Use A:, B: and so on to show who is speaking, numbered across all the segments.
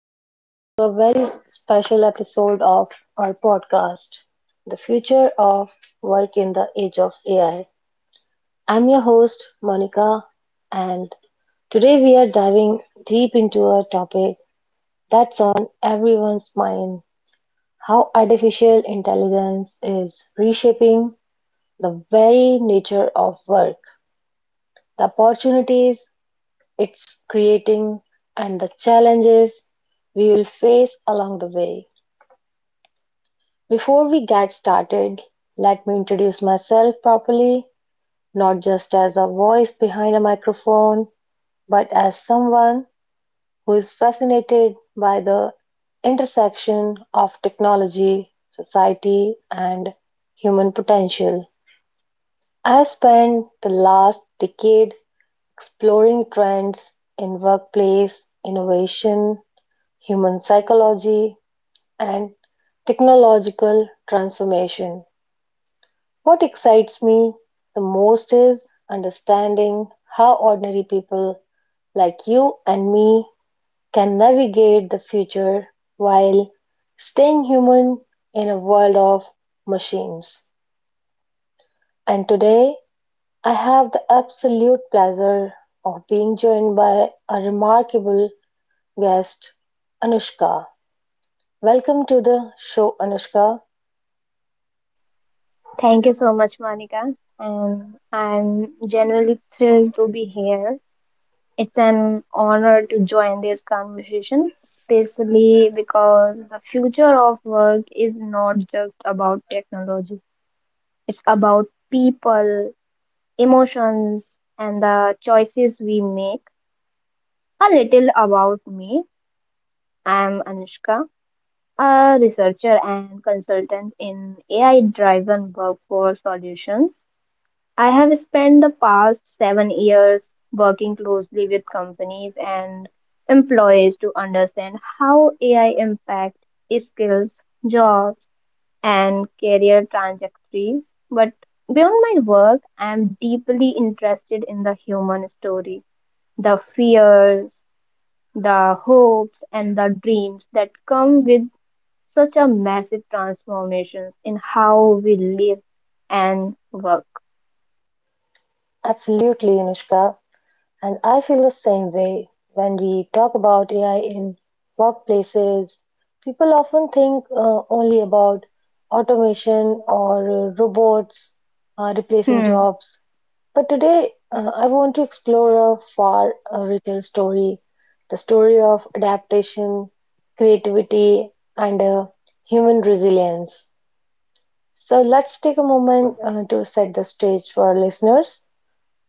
A: and welcome to a very special episode of our podcast, The Future of Work in the Age of AI. I'm your host, Monica, and today we are diving deep into a topic that's on everyone's mind: how artificial intelligence is reshaping the very nature of work, the opportunities it's creating, and the challenges we will face along the way. Before we get started, let me introduce myself properly, not just as a voice behind a microphone, but as someone who is fascinated by the intersection of technology, society, and human potential. I spent the last decade exploring trends in workplace innovation, human psychology, and technological transformation. What excites me the most is understanding how ordinary people like you and me can navigate the future while staying human in a world of machines. And today, I have the absolute pleasure of being joined by a remarkable guest, Anushka. Welcome to the show, Anushka.
B: Thank you so much, Monica. And I'm genuinely thrilled to be here. It's an honor to join this conversation, especially because the future of work is not just about technology, it's about people, emotions, and the choices we make. A little about me, I'm Anushka, a researcher and consultant in AI driven workforce solutions. I have spent the past 7 years working closely with companies and employees to understand how AI impacts skills, jobs, and career trajectories. But beyond my work, I am deeply interested in the human story, the fears, the hopes, and the dreams that come with such a massive transformations in how we live and work.
A: Absolutely, Anushka. And I feel the same way when we talk about AI in workplaces. People often think only about automation or robots replacing
B: Hmm.
A: jobs. But today, I want to explore a far richer story, the story of adaptation, creativity, and human resilience. So let's take a moment to set the stage for our listeners.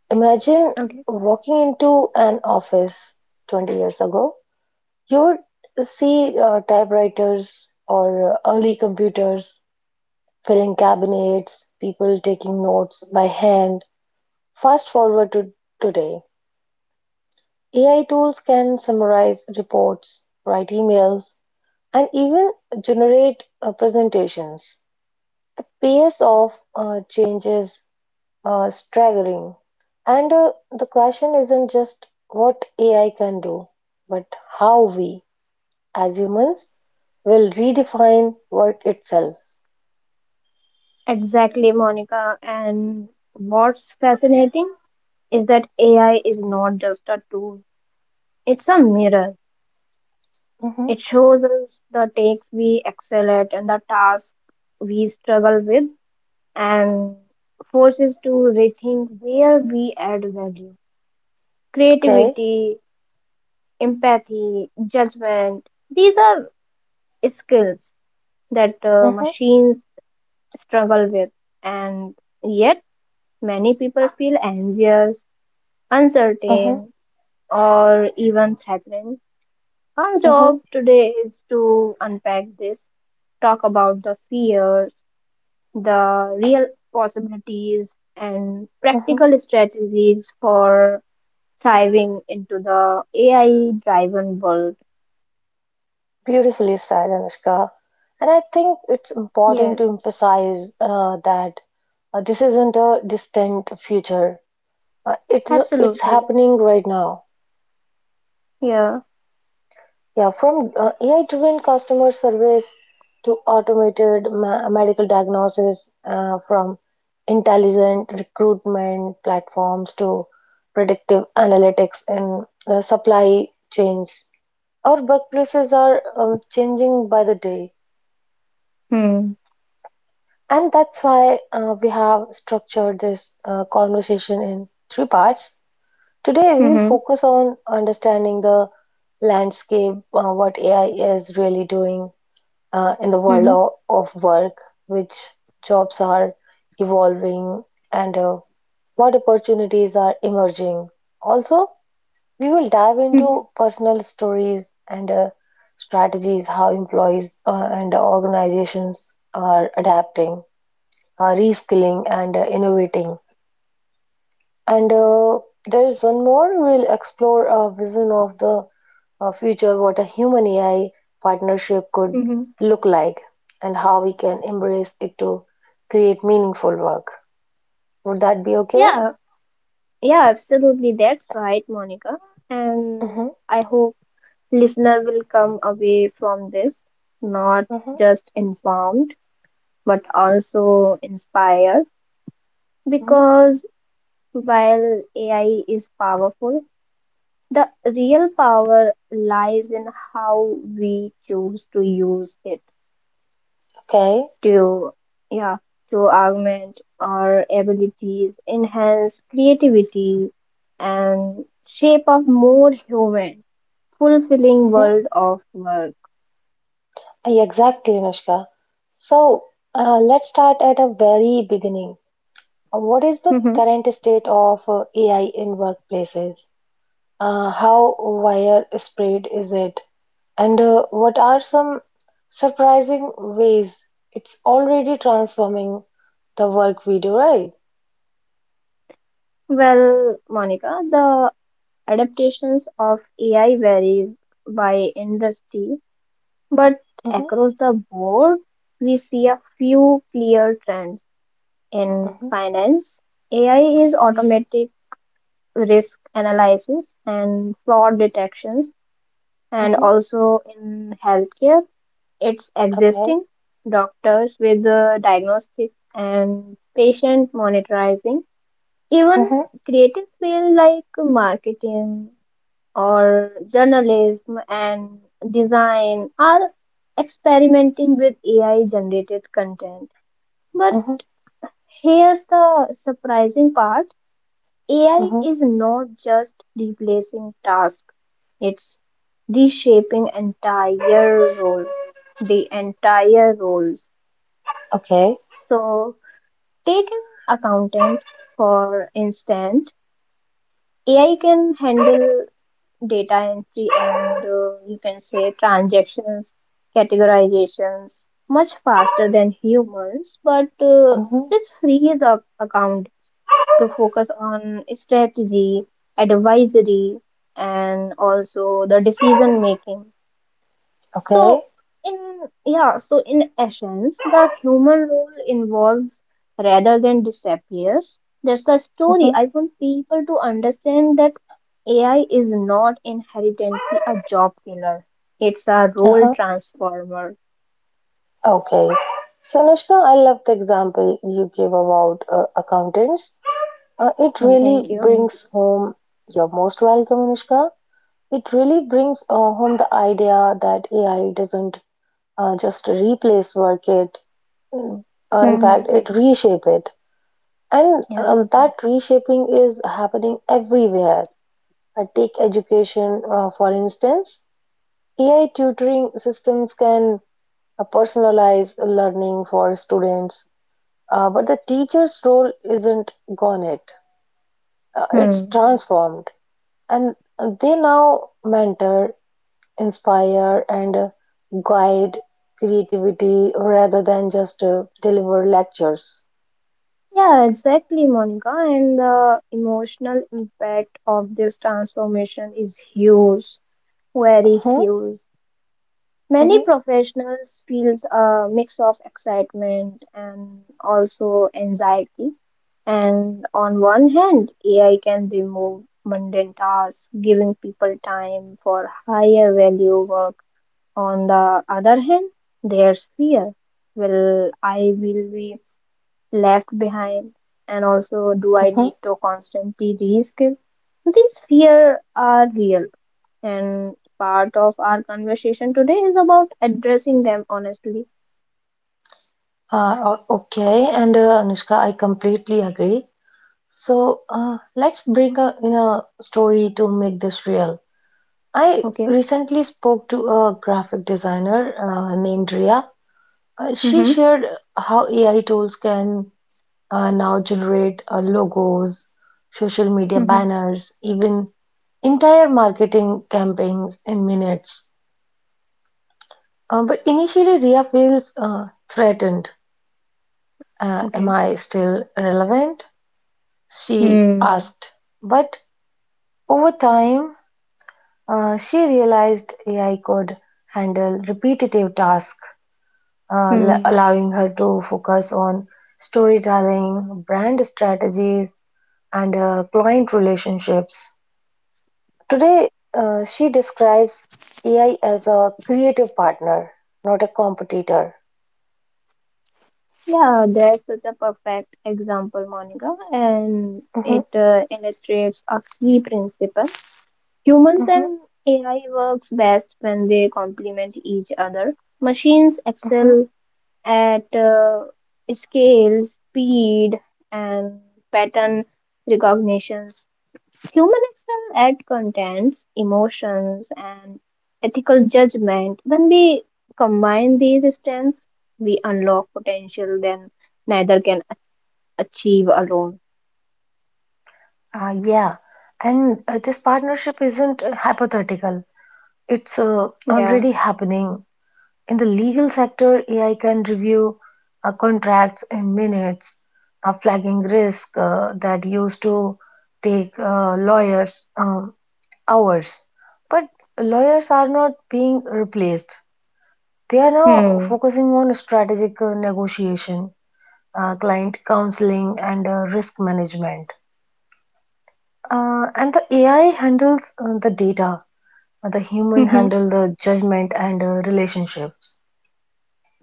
A: Imagine
B: Okay.
A: walking into an office 20 years ago. You would see typewriters or early computers, filling cabinets, people taking notes by hand. Fast forward to today. AI tools can summarize reports, write emails, and even generate presentations. The pace of changes staggering. And the question isn't just what AI can do, but how we, as humans, will redefine work itself.
B: Exactly, Monica. And what's fascinating is that AI is not just a tool, it's a mirror.
A: Hmm.
B: It shows us the takes we excel at and the tasks we struggle with, and forces to rethink where we add value.
A: Okay.
B: Creativity, empathy, judgment, these are skills that
A: Hmm.
B: machines struggle with, and yet many people feel anxious
A: Hmm.
B: uncertain, or even threatening. Our
A: Hmm.
B: job today is to unpack this, talk about the fears, the real possibilities, and
A: Hmm.
B: practical strategies for thriving into the AI driven world.
A: Beautifully said, Anushka. And I think it's important
B: Yes,
A: to emphasize that this isn't a distant future. Uh, it's it's
B: absolutely.
A: happening right now.
B: Yeah.
A: Yeah, from AI-driven customer service to automated medical diagnosis, from intelligent recruitment platforms to predictive analytics in supply chains. Our workplaces are changing by the day,
B: Hmm.
A: and that's why we have structured this conversation in three parts. Today, we will
B: Mm-hmm.
A: focus on understanding the landscape, what AI is really doing in the
B: Mm-hmm.
A: world of work, which jobs are evolving and what opportunities are emerging. Also, we will dive
B: Mm-hmm.
A: into personal stories and strategies, how employees and organizations are adapting, reskilling, and innovating. And there is one more: we'll explore a vision of the future, what a human AI partnership could
B: Mm-hmm.
A: look like and how we can embrace it to create meaningful work. Would that be okay?
B: Yeah. Yeah, absolutely. That's right, Monica. And
A: Mm-hmm,
B: I hope Listener will come away from this not
A: mm-hmm,
B: just informed but also inspired
A: mm-hmm.
B: because while AI is powerful, the real power lies in how we choose to use it
A: Okay.
B: to yeah to augment our abilities, enhance creativity, and shape a more human, fulfilling
A: Mm-hmm.
B: world of work.
A: Yeah, exactly, Anushka. So let's start at a very beginning. What is the current state of AI in workplaces? How widespread is it? And what are some surprising ways it's already transforming the work we do, right?
B: Well, Monica, the adaptations of AI varies by industry, but
A: Mm-hmm,
B: across the board, we see a few clear trends. In
A: mm-hmm.
B: finance, AI is
A: Mm.
B: automatic risk analysis and fraud detections, and
A: Hmm.
B: also in healthcare, it's existing doctors with the diagnostics and patient monitoring. Even
A: Mm. Hmm.
B: creative field like marketing or journalism and design are experimenting with AI generated content. But
A: Mm. Hmm. Okay. Mm-hmm, mm-hmm,
B: here's the surprising part, AI
A: mm-hmm.
B: is not just replacing tasks, it's reshaping the entire roles.
A: Okay.
B: So take an accountant for instance. AI can handle data entry and you can say transactions, categorizations much faster than humans, but
A: Mm-hmm.
B: this frees up account to focus on strategy, advisory, and also the decision making.
A: Okay.
B: So in essence, the human role involves rather than disappears. That's the story.
A: Mm-hmm.
B: I want people to understand that AI is not inherently a job killer. It's a role
A: Uh-huh.
B: transformer.
A: Okay. So, Anushka, I love the example you gave about accountants. It
B: Yeah, thank
A: really
B: you.
A: brings home, you're most welcome, Anushka. It really brings home the idea that AI doesn't just replace work, it. Mm. In
B: Hmm.
A: fact, it reshape it, and
B: Yeah.
A: that reshaping is happening everywhere. Take education, for instance, AI tutoring systems can personalize learning for students, but the teacher's role isn't gone yet. It's
B: Hmm.
A: transformed, and they now mentor, inspire, and guide creativity rather than just deliver lectures.
B: Yeah, exactly, Monica. And the emotional impact of this transformation is huge, very
A: Mhm,
B: huge. Many
A: mhm.
B: professionals feels a mix of excitement and also anxiety. And on one hand, AI can remove mundane tasks, giving people time for higher value work. On the other hand, there's fear. Will I will be left behind? And also, do I need to constantly reskill? These fear are real and part of our conversation today is about addressing them honestly.
A: Okay, and Anushka, I completely agree. So let's bring in a story to make this real. I
B: Okay.
A: recently spoke to a graphic designer named Ria. She
B: Mm-hmm.
A: shared how AI tools can now generate logos, social media
B: Mm-hmm.
A: banners, even entire marketing campaigns in minutes. But initially, Ria feels threatened. Am
B: Okay.
A: I still relevant? She
B: Hmm.
A: asked. But over time, she realized AI could handle repetitive tasks,
B: Hmm.
A: allowing her to focus on storytelling, brand strategies, and client relationships. Today, she describes AI as a creative partner, not a competitor.
B: Yeah, that's such a perfect example, Monica, and
A: Mhm,
B: it illustrates a key principle. Humans
A: mhm,
B: and AI works best when they complement each other. Machines
A: mhm.
B: excel at scale, speed, and pattern recognition. Human excel at contents, emotions, and ethical judgment. When we combine these strengths, we unlock potential then neither can achieve alone.
A: Yeah, and This partnership isn't hypothetical. It's
B: Yeah.
A: already happening. In the legal sector, AI can review contracts in minutes, flagging risk that used to take lawyers hours. But lawyers are not being replaced. They are now
B: Hmm.
A: focusing on strategic negotiation, client counseling, and risk management. And the AI handles the data, the human
B: Mhm.
A: handle the judgment and relationship.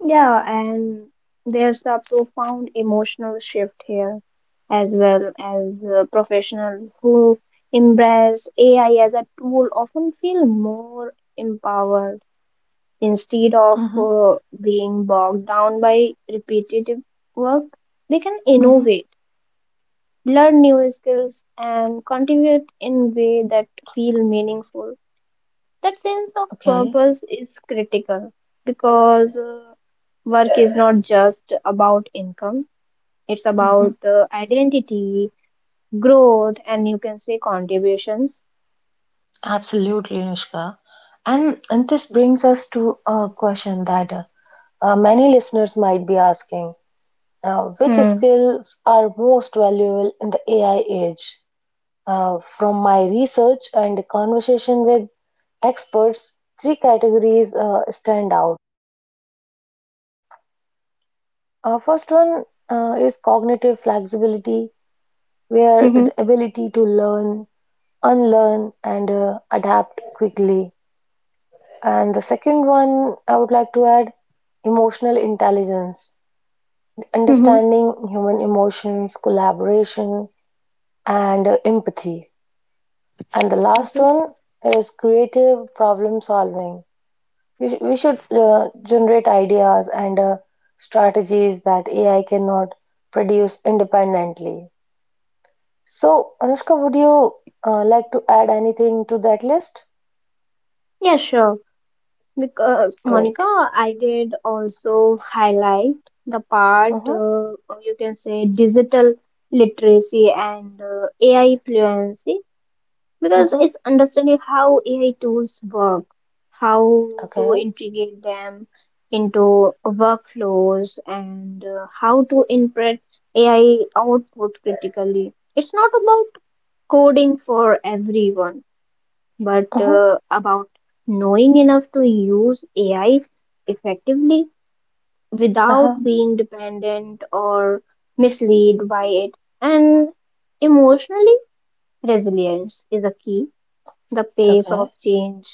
B: Yeah, and there's a profound emotional shift here, as well as professionals who embrace AI as a tool often feel more empowered. Instead of
A: Mm-hmm.
B: being bogged down by repetitive work, they can
A: Mm-hmm.
B: innovate, learn new skills, and contribute in way that feel meaningful. That sense of
A: Okay.
B: purpose is critical because work is not just about income, it's
A: Mm-hmm.
B: about identity, growth, and you can say contributions.
A: Absolutely, Anushka. And this brings us to a question that many listeners might be asking: which
B: Hmm.
A: skills are most valuable in the AI age? From my research and conversation with experts, three categories stand out. First one is cognitive flexibility, where
B: Mm-hmm.
A: the ability to learn, unlearn, and adapt quickly. And the second one I would like to add: emotional intelligence,
B: Mm-hmm.
A: understanding human emotions, collaboration, and empathy. And the last
B: Okay.
A: one is creative problem solving. We should generate ideas and strategies that AI cannot produce independently. So, Anushka, would you like to add anything to that list?
B: Yeah, sure. Because Monica,
A: Great.
B: I did also highlight the part,
A: Mm-hmm.
B: or you can say digital literacy and AI fluency, because
A: Mm-hmm.
B: it's understanding how AI tools work, how to
A: Okay.
B: integrate them into workflows, and how to interpret AI output critically. It's not about coding for everyone but
A: Mm-hmm.
B: about knowing enough to use AI effectively without
A: Uh-huh.
B: being dependent or misled by it. And emotionally, resilience is a key. The pace of
A: Okay.
B: change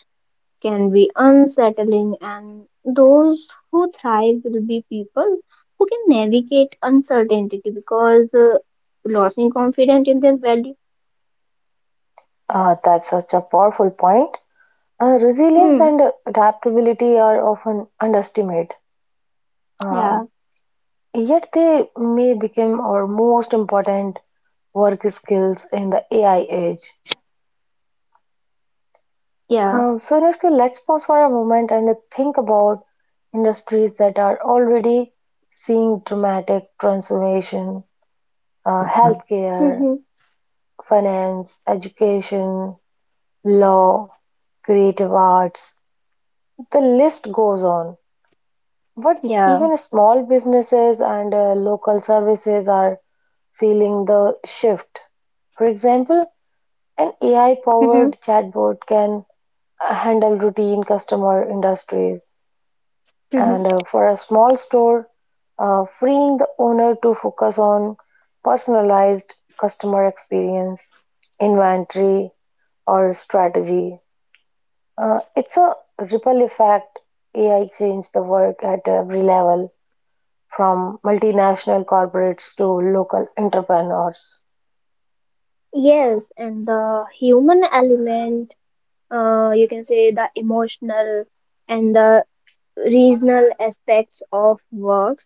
B: can be unsettling, and those who thrive will be people who can navigate uncertainty because losing confidence in their value.
A: That's such a powerful point. Resilience
B: Hmm.
A: and adaptability are often underestimated,
B: Yeah.
A: um, yet they may become our most important work skills in the AI age.
B: Yeah.
A: So, Anushka, let's pause for a moment and think about industries that are already seeing dramatic transformation: healthcare,
B: Mm-hmm.
A: finance, education, law, creative arts. The list goes on. But
B: Yeah.
A: even small businesses and local services are feeling the shift. For example, an AI
B: Mm-hmm.
A: powered chatbot can handle routine customer industries
B: Mhm.
A: and for a small store, freeing the owner to focus on personalized customer experience, inventory, or strategy. It's a ripple effect. AI changed the work at every level, from multinational corporates to local entrepreneurs.
B: Yes, and the human element, you can say the emotional and the regional aspects of works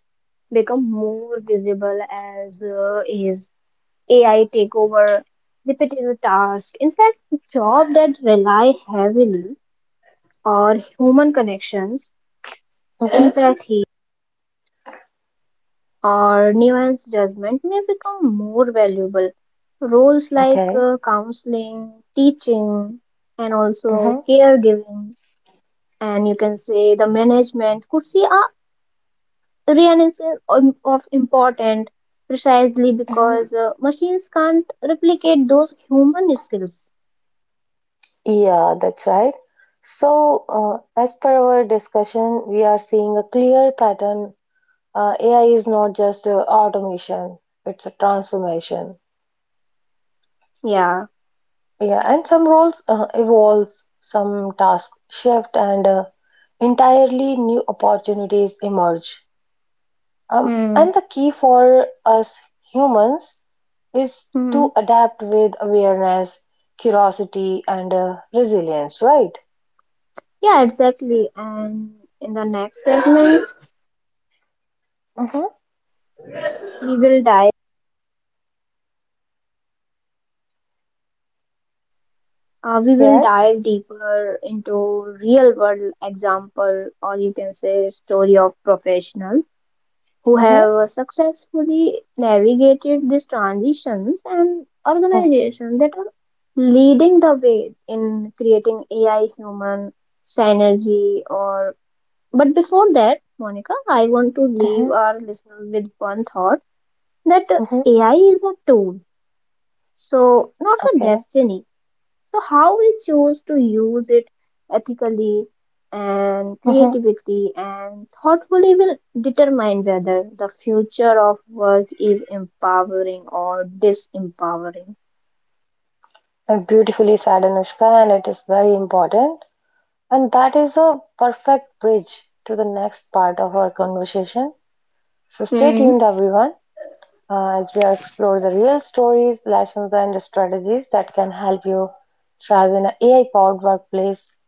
B: become more visible as is AI takeover repetitive tasks. In fact, jobs that rely heavily on human connections,
A: Hmm.
B: empathy, or nuanced judgment may become more valuable. Roles like
A: Okay.
B: counseling, teaching, and also
A: Hmm.
B: caregiving, and you can say the management could see a renaissance of important precisely
A: Hmm.
B: because machines can't replicate those human skills.
A: Yeah, that's right. So, as per our discussion, we are seeing a clear pattern: AI is not just automation, it's a transformation.
B: Yeah.
A: Yeah, and some roles evolves, some tasks shift, and entirely new opportunities emerge.
B: Hmm.
A: And the key for us humans is
B: Hmm.
A: to adapt with awareness, curiosity, and resilience, right?
B: Yeah, exactly. And in the next segment,
A: Mm-hmm.
B: we will dive we will
A: Yes.
B: dive deeper into real world example or you can say story of professionals who
A: Mm-hmm.
B: have successfully navigated these transitions and
A: Mm-hmm.
B: organizations that are leading the way in creating AI human synergy. Or but before that Monica, I want to leave our listeners with one thought, that
A: Mm-hmm.
B: AI is a tool so not a
A: Okay.
B: destiny, so how we choose to use it ethically and
A: Mm-hmm.
B: creativity and thoughtfully will determine whether the future of work is empowering or disempowering.
A: Beautifully said, Anushka, and it is very important. And that is a perfect bridge to the next part of our conversation. So stay
B: Hmm.
A: tuned, everyone, as we explore the real stories, lessons, and strategies that can help you thrive in an AI powered workplace.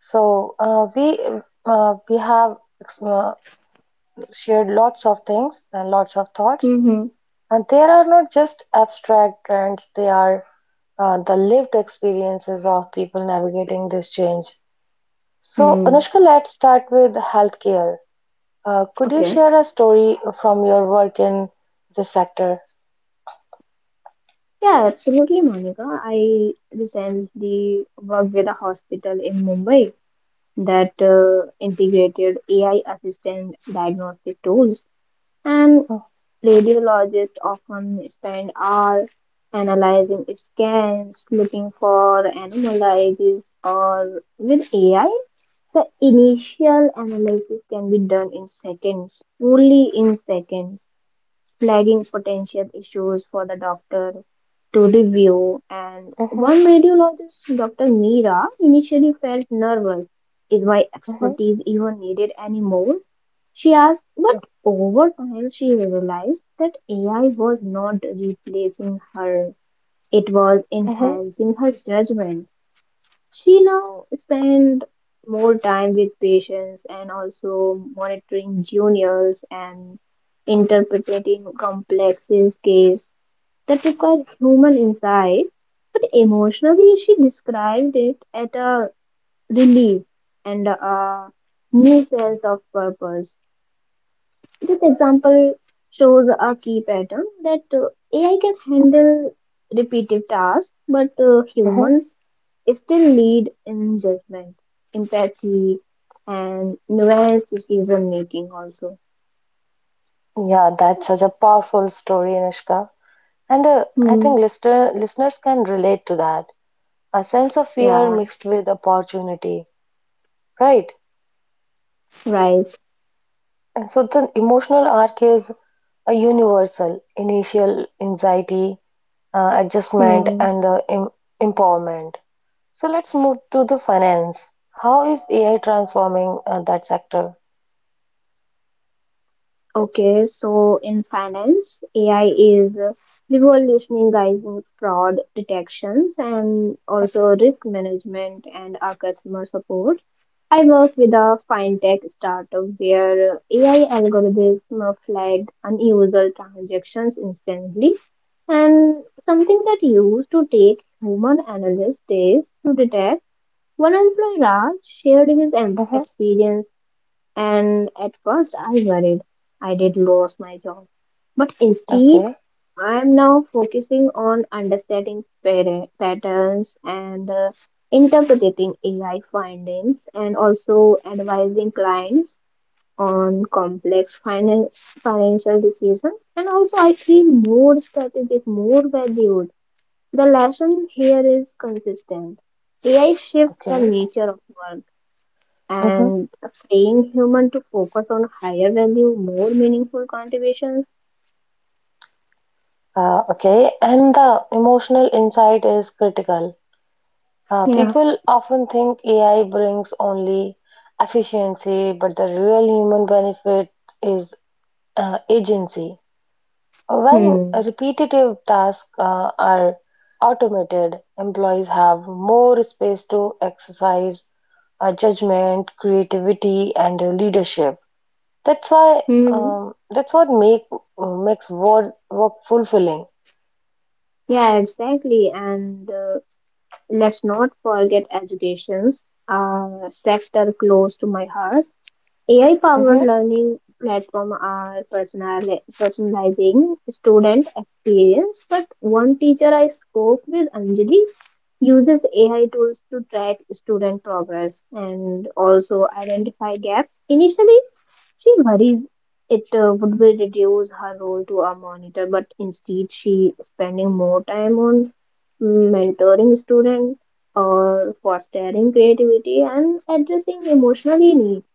A: So we have uh, shared lots of things and lots of thoughts,
B: Hmm.
A: and there are not just abstract trends; they are the lived experiences of people navigating this change. So,
B: Hmm.
A: Anushka, let's start with healthcare. Could you
B: Okay.
A: share a story from your work in this sector?
B: Yeah, absolutely, Monica. I recently worked with a hospital in Mumbai that integrated AI assisted diagnostic tools. And Radiologists often spend hours analyzing scans, looking for anomalies, or with AI, the initial analysis can be done in seconds, only in seconds, flagging potential issues for the doctor to review. And
A: Mm-hmm,
B: one radiologist, Dr. Meera, initially felt nervous. Is my
A: mm-hmm,
B: expertise even needed anymore? She asked, but over time she realized that AI was not replacing her, it was
A: mm-hmm,
B: enhancing her judgment. She now spent more time with patients and also monitoring juniors and interpreting complex cases that require human insight. But emotionally, she described it as a relief and a new sense of purpose. This example shows a key pattern that AI can handle repetitive tasks, but
A: mm-hmm.
B: humans still lead in judgment, empathy, and nuanced decision making also.
A: Yeah, that's such a powerful story, Anushka. And I
B: Hmm.
A: think listeners can relate to that. A sense of fear
B: Yeah,
A: mixed with opportunity, right?
B: right.
A: And so the emotional arc is a universal initial anxiety, adjustment,
B: Hmm.
A: and the empowerment. So let's move to the finance. How is AI transforming that sector?
B: Okay, so in finance, AI is revolutionizing fraud detections and also risk management and our customer support. I work with a fintech startup where AI algorithms flagged unusual transactions instantly, and something that used to take human analyst days to detect. One employee, Raj, shared his
A: Mm-hmm.
B: experience, and at first I worried I did lose my job. But instead,
A: Okay,
B: I am now focusing on understanding patterns and interpreting AI findings and also advising clients on financial decisions. And also, I feel more strategic, more valued. The lesson here is consistent. AI shifts the
A: okay.
B: nature of work
A: Mm-hmm.
B: and freeing human to focus on higher value, more meaningful contributions.
A: Okay, and the emotional insight is critical.
B: Yeah.
A: People often think AI brings only efficiency, but the real human benefit is agency. When
B: Hmm.
A: repetitive tasks are automated, employees have more space to exercise judgment, creativity, and leadership. That's why
B: Hmm.
A: that's what makes work fulfilling.
B: Yeah, exactly. And let's not forget educations, a sector close to my heart. AI-powered
A: Hmm.
B: learning platform are personalizing student experience, but one teacher I spoke with, Anjali, uses AI tools to track student progress and also identify gaps. Initially, she worries it would be reduce her role to a monitor, but instead she spending more time on mentoring students or fostering creativity and addressing emotional needs.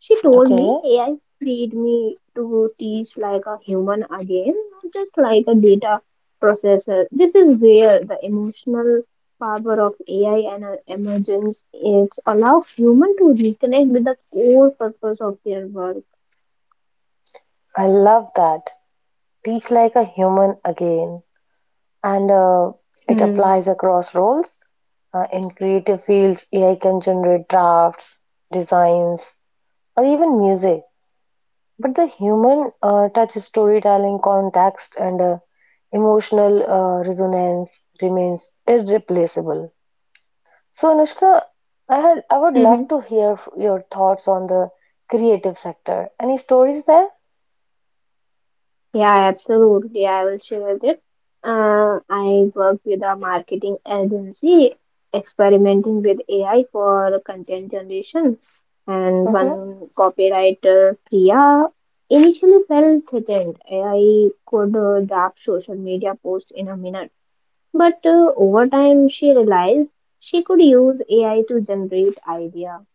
B: She told me
A: Okay,
B: AI freed me to teach like a human again, not just like a data processor. This is where the emotional power of AI and emergence is allow human to reconnect with the core purpose of their work.
A: I love that. Teach like a human again, and it
B: Hmm.
A: applies across roles. In creative fields, AI can generate drafts, designs, or even music. But the human touch, storytelling, context, and emotional resonance remains irreplaceable. So, Anushka, I would love to hear your thoughts on the creative sector. Any stories there?
B: Yeah, absolutely. I will share with it. I work with a marketing agency experimenting with AI for content generation. And
A: Mm-hmm,
B: one copywriter, Priya, initially felt threatened. AI could draft social media posts in a minute. But over time, she realized she could use AI to generate idea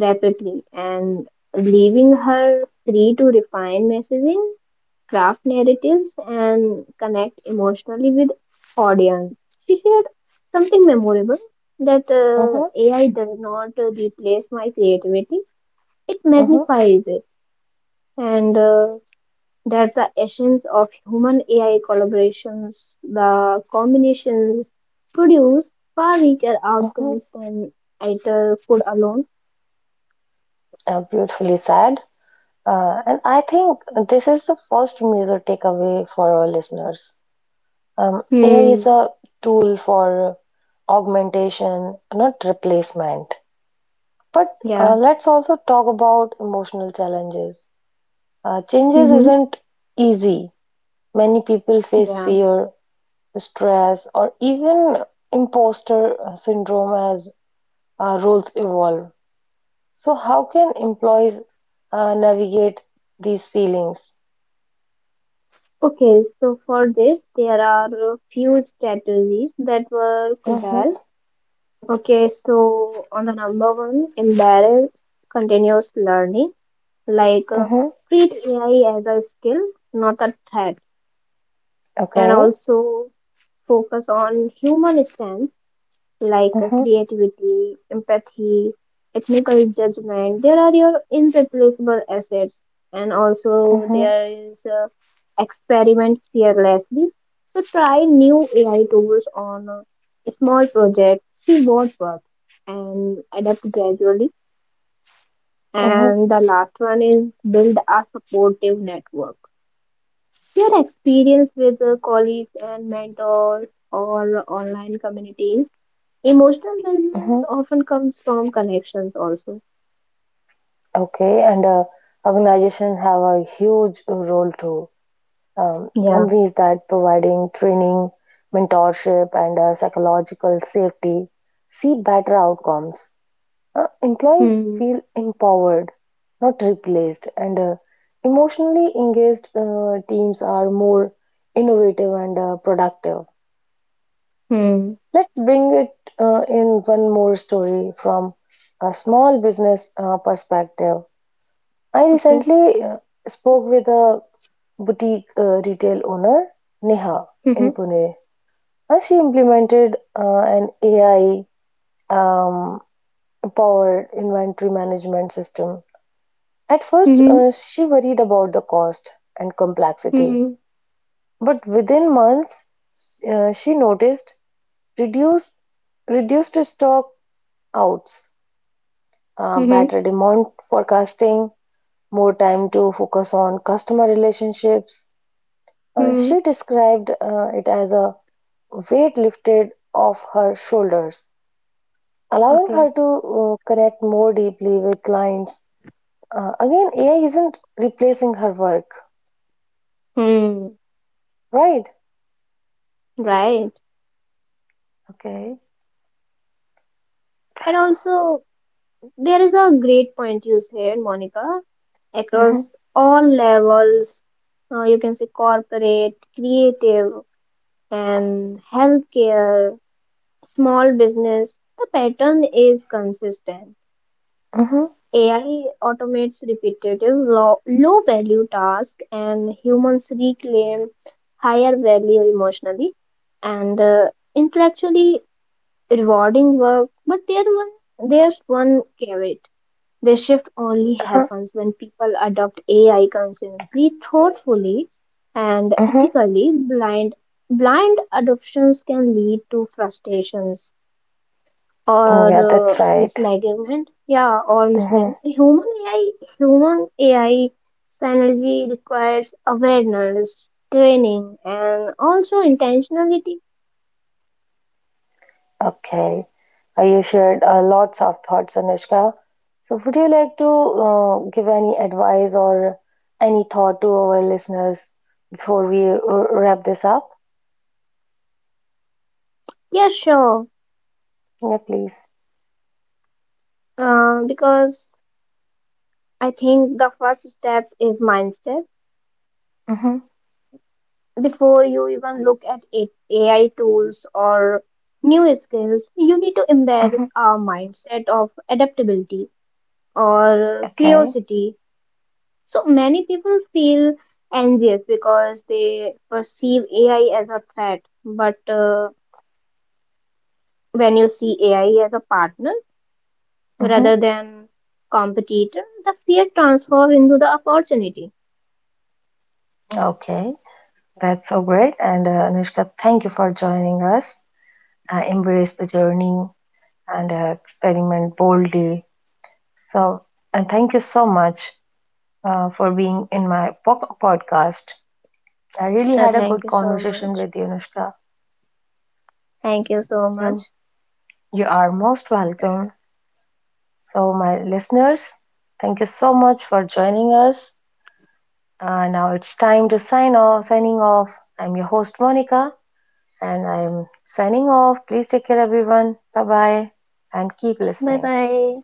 B: rapidly and leaving her free to refine messaging craft narratives and connect emotionally with audience. She shared something memorable that
A: mm-hmm,
B: AI does not replace my creativity; it
A: mm-hmm,
B: magnifies it, and that's the essence of human AI collaborations. The combinations produce far richer
A: mm-hmm.
B: outcomes than either could alone.
A: Beautifully said. And I think this is the first major takeaway for our listeners. AI is
B: Hmm.
A: a tool for augmentation, not replacement. But
B: Yeah.
A: let's also talk about emotional challenges. Changes
B: Mm-hmm.
A: isn't easy. Many people face
B: Yeah.
A: fear, stress, or even imposter syndrome as roles evolve. So, how can employees navigate these feelings?
B: Okay, so for this, there are a few strategies that work well.
A: Mm-hmm,
B: Okay, so on the number one, embrace continuous learning, like
A: mm-hmm,
B: treat AI as a skill, not a threat, and
A: okay.
B: also focus on human strength like
A: Mm-hmm,
B: creativity, empathy, technical judgment. There are your irreplaceable assets, and also
A: mm-hmm,
B: there is experiment fearlessly. So try new AI tools on a small project, see what works, and adapt gradually.
A: mm-hmm,
B: And the last one is build a supportive network. Your experience with colleagues and mentors or online communities. Emotional resilience
A: mm-hmm.
B: often comes from connections also.
A: Okay, and organizations have a huge role too.
B: Yeah.
A: Companies that providing training, mentorship, and psychological safety see better outcomes. Employees
B: Hmm.
A: feel empowered, not replaced, and emotionally engaged teams are more innovative and productive.
B: Hmm.
A: Let's bring it in one more story from a small business perspective. I
B: Okay.
A: recently spoke with a boutique retail owner, Neha,
B: Hmm.
A: in Pune. She implemented an AI um, powered inventory management system. At first,
B: Hmm.
A: she worried about the cost and complexity,
B: Hmm.
A: but within months, she noticed reduced reduced stock outs,
B: Hmm.
A: better demand forecasting, more time to focus on customer relationships.
B: Hmm.
A: She described it as a weight lifted off her shoulders, allowing
B: Okay.
A: her to connect more deeply with clients. Again, AI isn't replacing her work,
B: Hmm.
A: right?
B: Right.
A: Okay.
B: And also, there is a great point you said, Monica,
A: Mm-hmm.
B: across all levels. You can say corporate, creative, and healthcare, small business. The pattern is consistent.
A: Mm-hmm.
B: AI automates repetitive, low-value tasks, and humans reclaim higher value emotionally and intellectually rewarding work. But there's one caveat: the shift only
A: Uh-huh.
B: happens when people adopt AI consistently, thoughtfully, and
A: Mm-hmm.
B: ethically. Blind adoptions can lead to frustrations or
A: Yeah, that's right.
B: misalignment. Yeah, or
A: Mm-hmm.
B: misalignment. Human AI synergy requires awareness, training, and also intentionality.
A: Okay. You shared lots of thoughts, Anushka. So, would you like to give any advice or any thought to our listeners before we wrap this up?
B: Yeah, sure.
A: Yeah, please.
B: Because I think the first step is mindset.
A: Mm-hmm.
B: Before you even look at it, AI tools or new skills, you need to embed
A: Mm-hmm.
B: a mindset of adaptability or
A: Okay.
B: curiosity. So many people feel anxious because they perceive AI as a threat. But when you see AI as a partner
A: Mm-hmm.
B: rather than competitor, the fear transforms into the opportunity.
A: Okay. That's so great. And Anushka, thank you for joining us. Embrace the journey and experiment boldly. So, and thank you so much for being in my podcast. I really had a
B: Thank
A: good
B: you so
A: conversation
B: much.
A: with you, Anushka.
B: Thank you so
A: You're,
B: much.
A: you are most welcome. So, my listeners, thank you so much for joining us. Now it's time to sign off. Signing off. I'm your host, Monica. And I'm signing off. Please take care, everyone. Bye bye. And keep
B: Bye
A: listening.
B: bye.